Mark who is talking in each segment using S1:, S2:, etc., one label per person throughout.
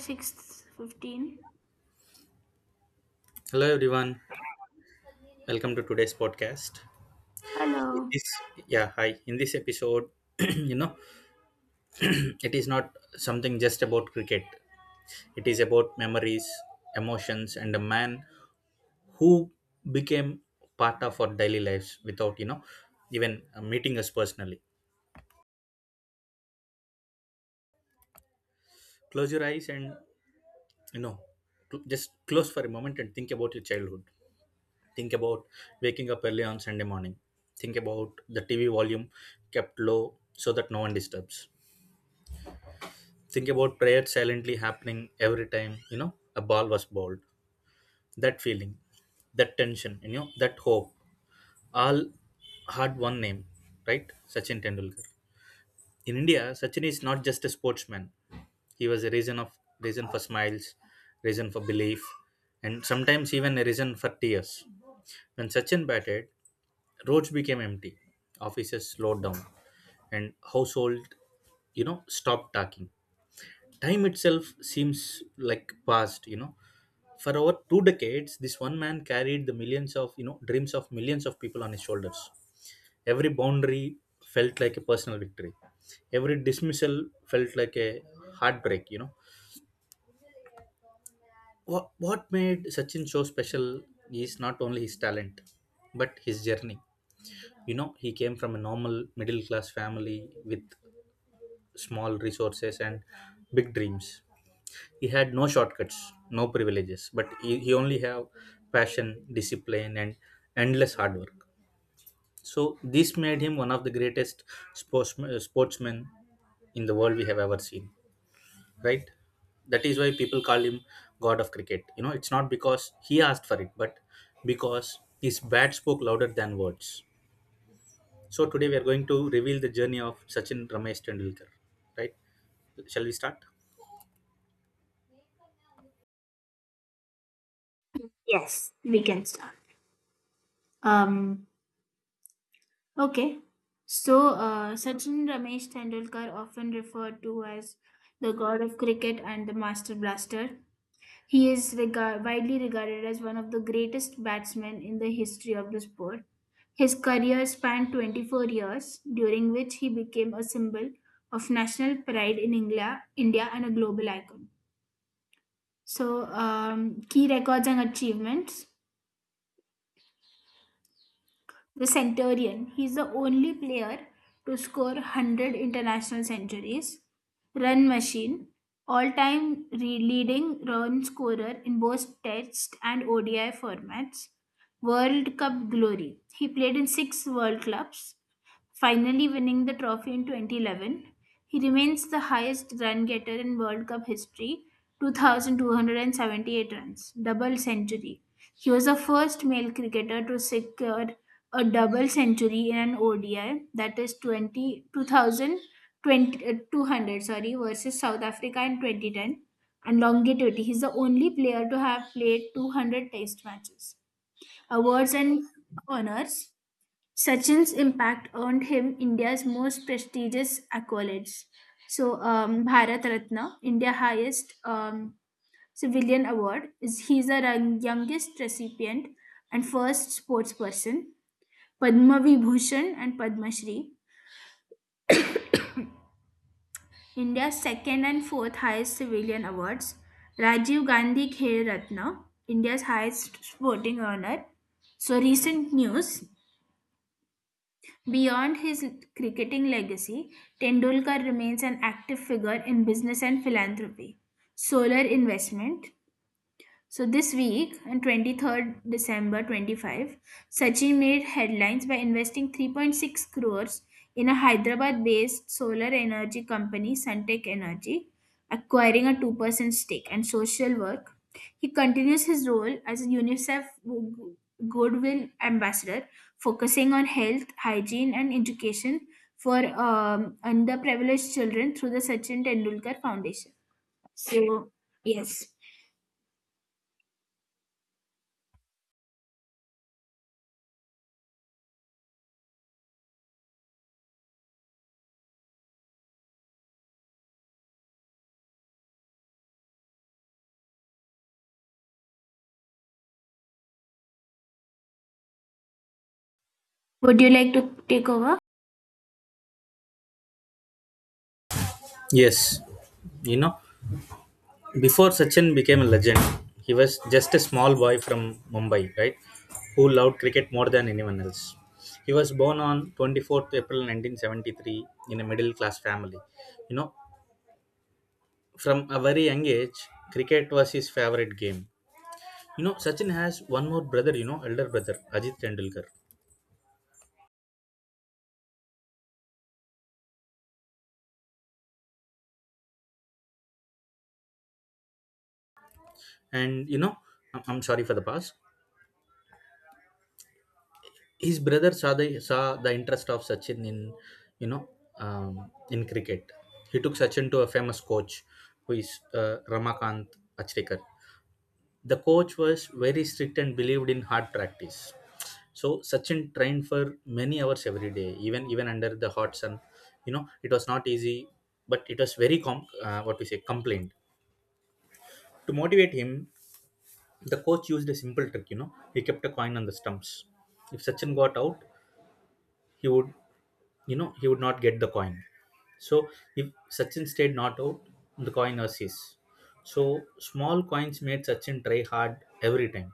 S1: 6:15.
S2: Hello everyone, welcome to today's podcast. In
S1: Hello.
S2: this Yeah, hi. In this episode, you know, it is not something just about cricket. It is about memories, emotions, and a man who became part of our daily lives without even meeting us personally. Close your eyes and you know, just close for a moment and think about your childhood. Think about waking up early on Sunday morning. Think about the TV volume kept low so that no one disturbs. Think about prayer silently happening every time, a ball was bowled. That feeling, that tension, that hope, all had one name, right? Sachin Tendulkar. In India, Sachin is not just a sportsman. He was a reason of reason for smiles, reason for belief, and sometimes even a reason for tears. When Sachin batted, roads became empty, offices slowed down, and household, stopped talking. Time itself seems like past. For over 2 decades, this one man carried the millions of dreams of millions of people on his shoulders. Every boundary felt like a personal victory. Every dismissal felt like a heartbreak. What made Sachin so special is not only his talent but his journey. He came from a normal middle class family with small resources and big dreams. He had no shortcuts, no privileges, but he only have passion, discipline, and endless hard work. So this made him one of the greatest sportsmen in the world we have ever seen, right? That is why people call him god of cricket. It's not because he asked for it, but because his bat spoke louder than words. So today we are going to reveal the journey of Sachin Ramesh Tendulkar, right? Shall we start?
S1: Yes, we can start. Um. Okay. So, Sachin Ramesh Tendulkar, often referred to as the god of cricket and the master blaster, he is widely regarded as one of the greatest batsmen in the history of the sport. His career spanned 24 years, during which he became a symbol of national pride in India and a global icon. So, key records and achievements. The Centurion. He is the only player to score 100 international centuries. Run machine. All time leading run scorer in both Test and ODI formats. World Cup glory. He played in six World Clubs, finally winning the trophy in 2011. He remains the highest run getter in World Cup history, 2,278 runs. Double century. He was the first male cricketer to secure a double century in an ODI, that is 20, 2020, 200, sorry, versus South Africa in 2010. And longevity, he's the only player to have played 200 test matches. Awards and honors. Sachin's impact earned him India's most prestigious accolades. So, Bharat Ratna, India's highest civilian award, is he's the youngest recipient and first sports person. Padma Vibhushan and Padma Shri, India's second and fourth highest civilian awards. Rajiv Gandhi Khel Ratna, India's highest sporting honor. So, recent news. Beyond his cricketing legacy, Tendulkar remains an active figure in business and philanthropy. Solar investment, so this week, on 23rd December 25, Sachin made headlines by investing 3.6 crores in a Hyderabad-based solar energy company, Suntech Energy, acquiring a 2% stake. And social work, he continues his role as a UNICEF Goodwill Ambassador, focusing on health, hygiene, and education for underprivileged children through the Sachin Tendulkar Foundation. So, yes. Would you like to take over?
S2: Yes. you know Before Sachin became a legend, he was just a small boy from Mumbai, right? Who loved cricket more than anyone else. He was born on 24th April 1973 in a middle class family. You know, from a very young age, cricket was his favorite game. Sachin has one more brother, elder brother, Ajit Tendulkar. And, I'm sorry for the past. His brother saw the interest of Sachin in you know in cricket. He took Sachin to a famous coach who is Ramakant Achrekar. The coach was very strict and believed in hard practice. So Sachin trained for many hours every day, even under the hot sun. It was not easy, but it was very what we say complained. To motivate him, the coach used a simple trick. He kept a coin on the stumps. If Sachin got out, he would not get the coin. So if Sachin stayed not out, the coin was his. So small coins made Sachin try hard every time.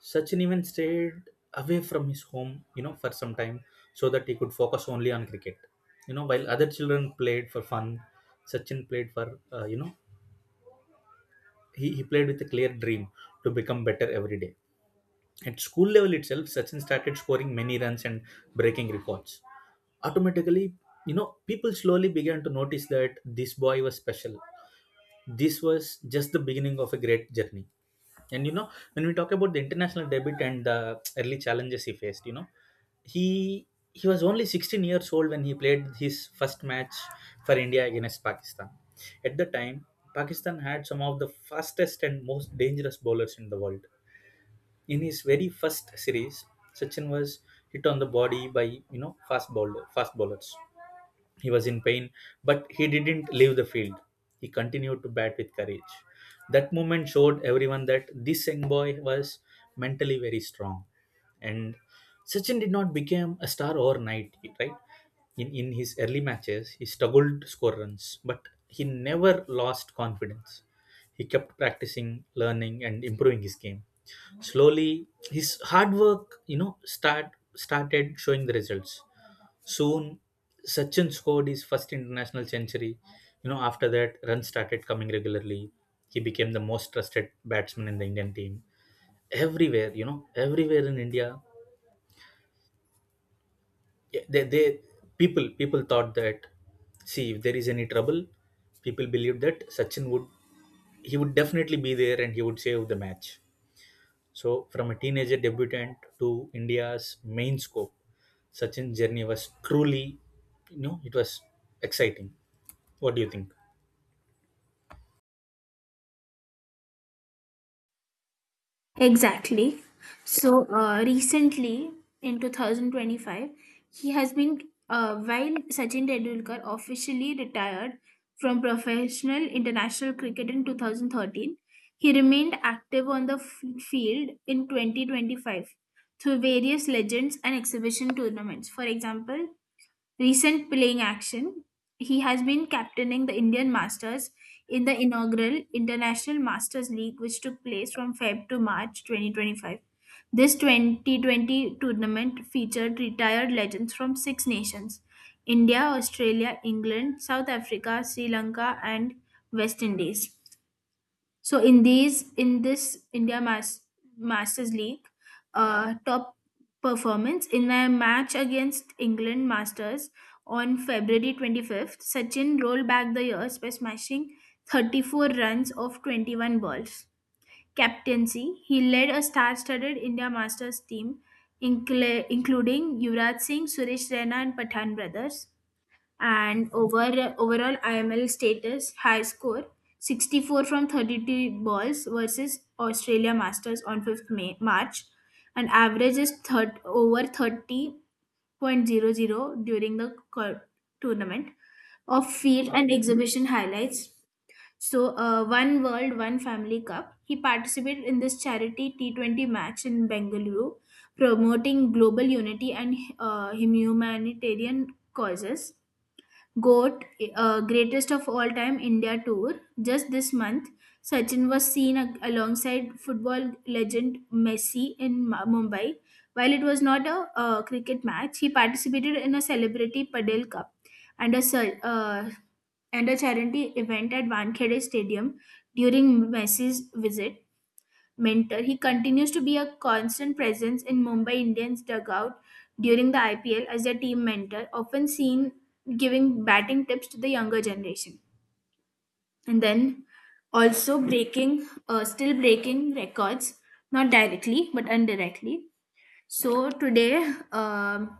S2: Sachin even stayed away from his home, for some time so that he could focus only on cricket. While other children played for fun, Sachin played for, you know, he played with a clear dream to become better every day. At school level itself, Sachin started scoring many runs and breaking records automatically. People slowly began to notice that this boy was special. This was just the beginning of a great journey, and when we talk about the international debut and the early challenges he faced, he he was only 16 years old when he played his first match for India against Pakistan. At the time, Pakistan had some of the fastest and most dangerous bowlers in the world. In his very first series, Sachin was hit on the body by fast bowlers. He was in pain, but he didn't leave the field. He continued to bat with courage. That moment showed everyone that this young boy was mentally very strong. And Sachin did not become a star overnight, right? In his early matches, he struggled to score runs, but he never lost confidence. He kept practicing, learning, and improving his game. Slowly, his hard work, started showing the results. Soon, Sachin scored his first international century. You know, after that, runs started coming regularly. He became the most trusted batsman in the Indian team. Everywhere, everywhere in India, yeah, they people people thought that see if there is any trouble, people believed that Sachin would he would definitely be there and he would save the match. So, from a teenager debutant to India's main scope, Sachin's journey was truly, it was exciting. What do you think?
S1: Exactly. So recently, in 2025, he has been, while Sachin Tendulkar officially retired from professional international cricket in 2013, he remained active on the field in 2025 through various legends and exhibition tournaments. For example, recent playing action, he has been captaining the Indian Masters in the inaugural International Masters League, which took place from Feb to March 2025. This 2020 tournament featured retired legends from six nations: India, Australia, England, South Africa, Sri Lanka, and West Indies. So in this India Masters League, top performance in a match against England Masters on February 25th, Sachin rolled back the years by smashing 34 runs off 21 balls. Captaincy, he led a star-studded India Masters team, including Yuvraj Singh, Suresh Raina, and Pathan brothers, and overall IML status: high score 64 from 32 balls versus Australia Masters on 5th May, March, and average is over thirty point zero zero during the tournament. Of field and exhibition highlights, so one world one family cup, he participated in this charity T20 match in Bengaluru, promoting global unity and humanitarian causes. GOAT, greatest of all time India tour. Just this month, Sachin was seen alongside football legend Messi in Mumbai. While it was not a cricket match, he participated in a celebrity Padel Cup and a charity event at Wankhede Stadium during Messi's visit. Mentor, he continues to be a constant presence in Mumbai Indians dugout during the IPL as their team mentor, often seen giving batting tips to the younger generation. And then also still breaking records, not directly but indirectly. So today, um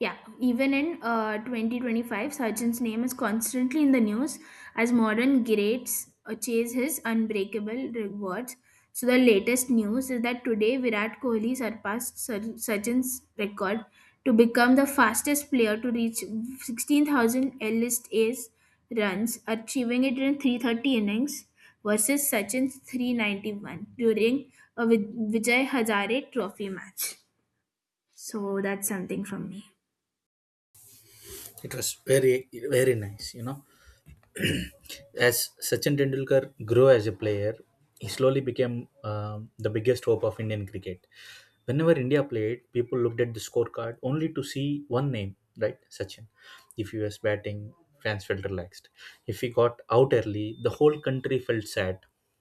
S1: yeah, even in 2025, Sachin's name is constantly in the news as modern greats chase his unbreakable rewards. So the latest news is that today Virat Kohli surpassed Sachin's record to become the fastest player to reach 16,000 L-list A's runs, achieving it in 330 innings versus Sachin's 391 during a Vijay Hazare Trophy match. So that's something from me.
S2: It was very, very nice. As Sachin Tendulkar grew as a player, he slowly became the biggest hope of Indian cricket. Whenever India played, people looked at the scorecard only to see one name, right? Sachin. If he was batting, fans felt relaxed. If he got out early, the whole country felt sad,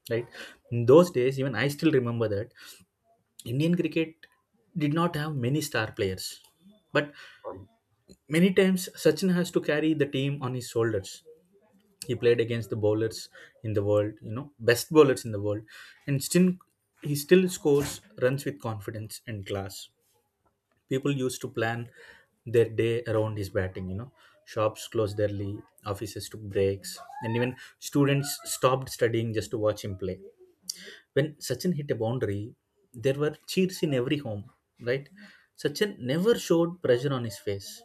S2: right? In those days, even I still remember that Indian cricket did not have many star players, but many times Sachin has to carry the team on his shoulders. He played against the bowlers in the world, best bowlers in the world, and still he still scores runs with confidence and class. People used to plan their day around his batting. Shops closed early, offices took breaks, and even students stopped studying just to watch him play. When Sachin hit a boundary, there were cheers in every home, right? Sachin never showed pressure on his face.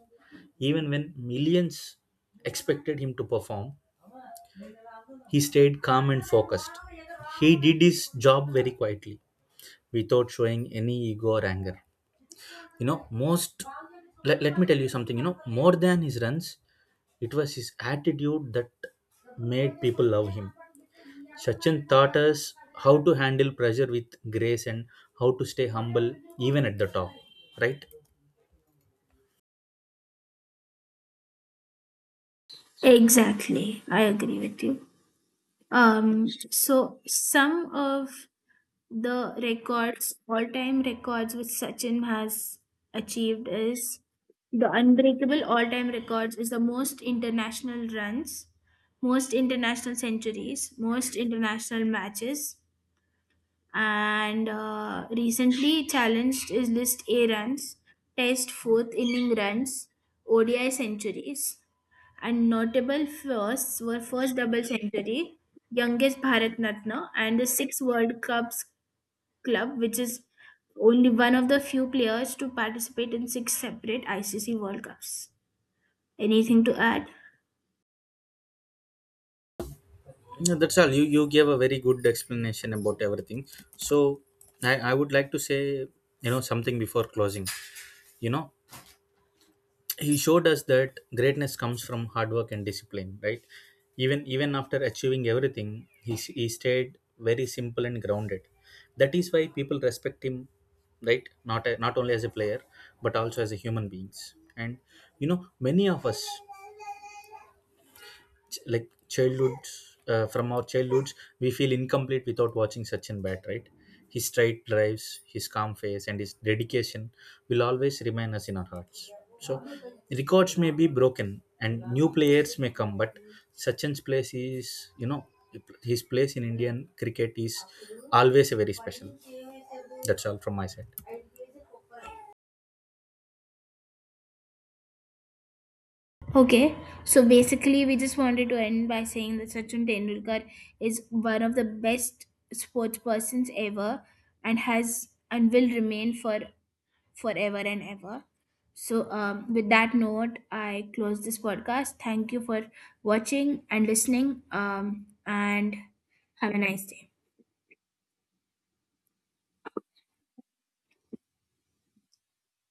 S2: Even when millions expected him to perform, he stayed calm and focused. He did his job very quietly, without showing any ego or anger. You know, most, let me tell you something, more than his runs, it was his attitude that made people love him. Sachin taught us how to handle pressure with grace and how to stay humble even at the top, right?
S1: Exactly, I agree with you. So some of the records, all-time records, which Sachin has achieved is the unbreakable all-time records is the most international runs, most international centuries, most international matches, and recently challenged his list A runs, Test fourth inning runs, ODI centuries, and notable firsts were first double century, youngest Bharat Natna, and the sixth World Cups club, which is only one of the few players to participate in six separate ICC World Cups. Anything to add?
S2: No, that's all. You gave a very good explanation about everything. So I would like to say, something before closing. You know, he showed us that greatness comes from hard work and discipline, right? Even after achieving everything, he stayed very simple and grounded. That is why people respect him, right? Not only as a player, but also as a human beings. And many of us like childhoods from our childhoods we feel incomplete without watching Sachin bat, right? His straight drives, his calm face, and his dedication will always remain us in our hearts. So records may be broken and new players may come, but Sachin's place is you know his place in Indian cricket is always very special. That's all from my side.
S1: Okay, so basically, we just wanted to end by saying that Sachin Tendulkar is one of the best sports persons ever, and has and will remain for forever and ever. So, with that note, I close this podcast. Thank you for watching and listening. And have a nice day.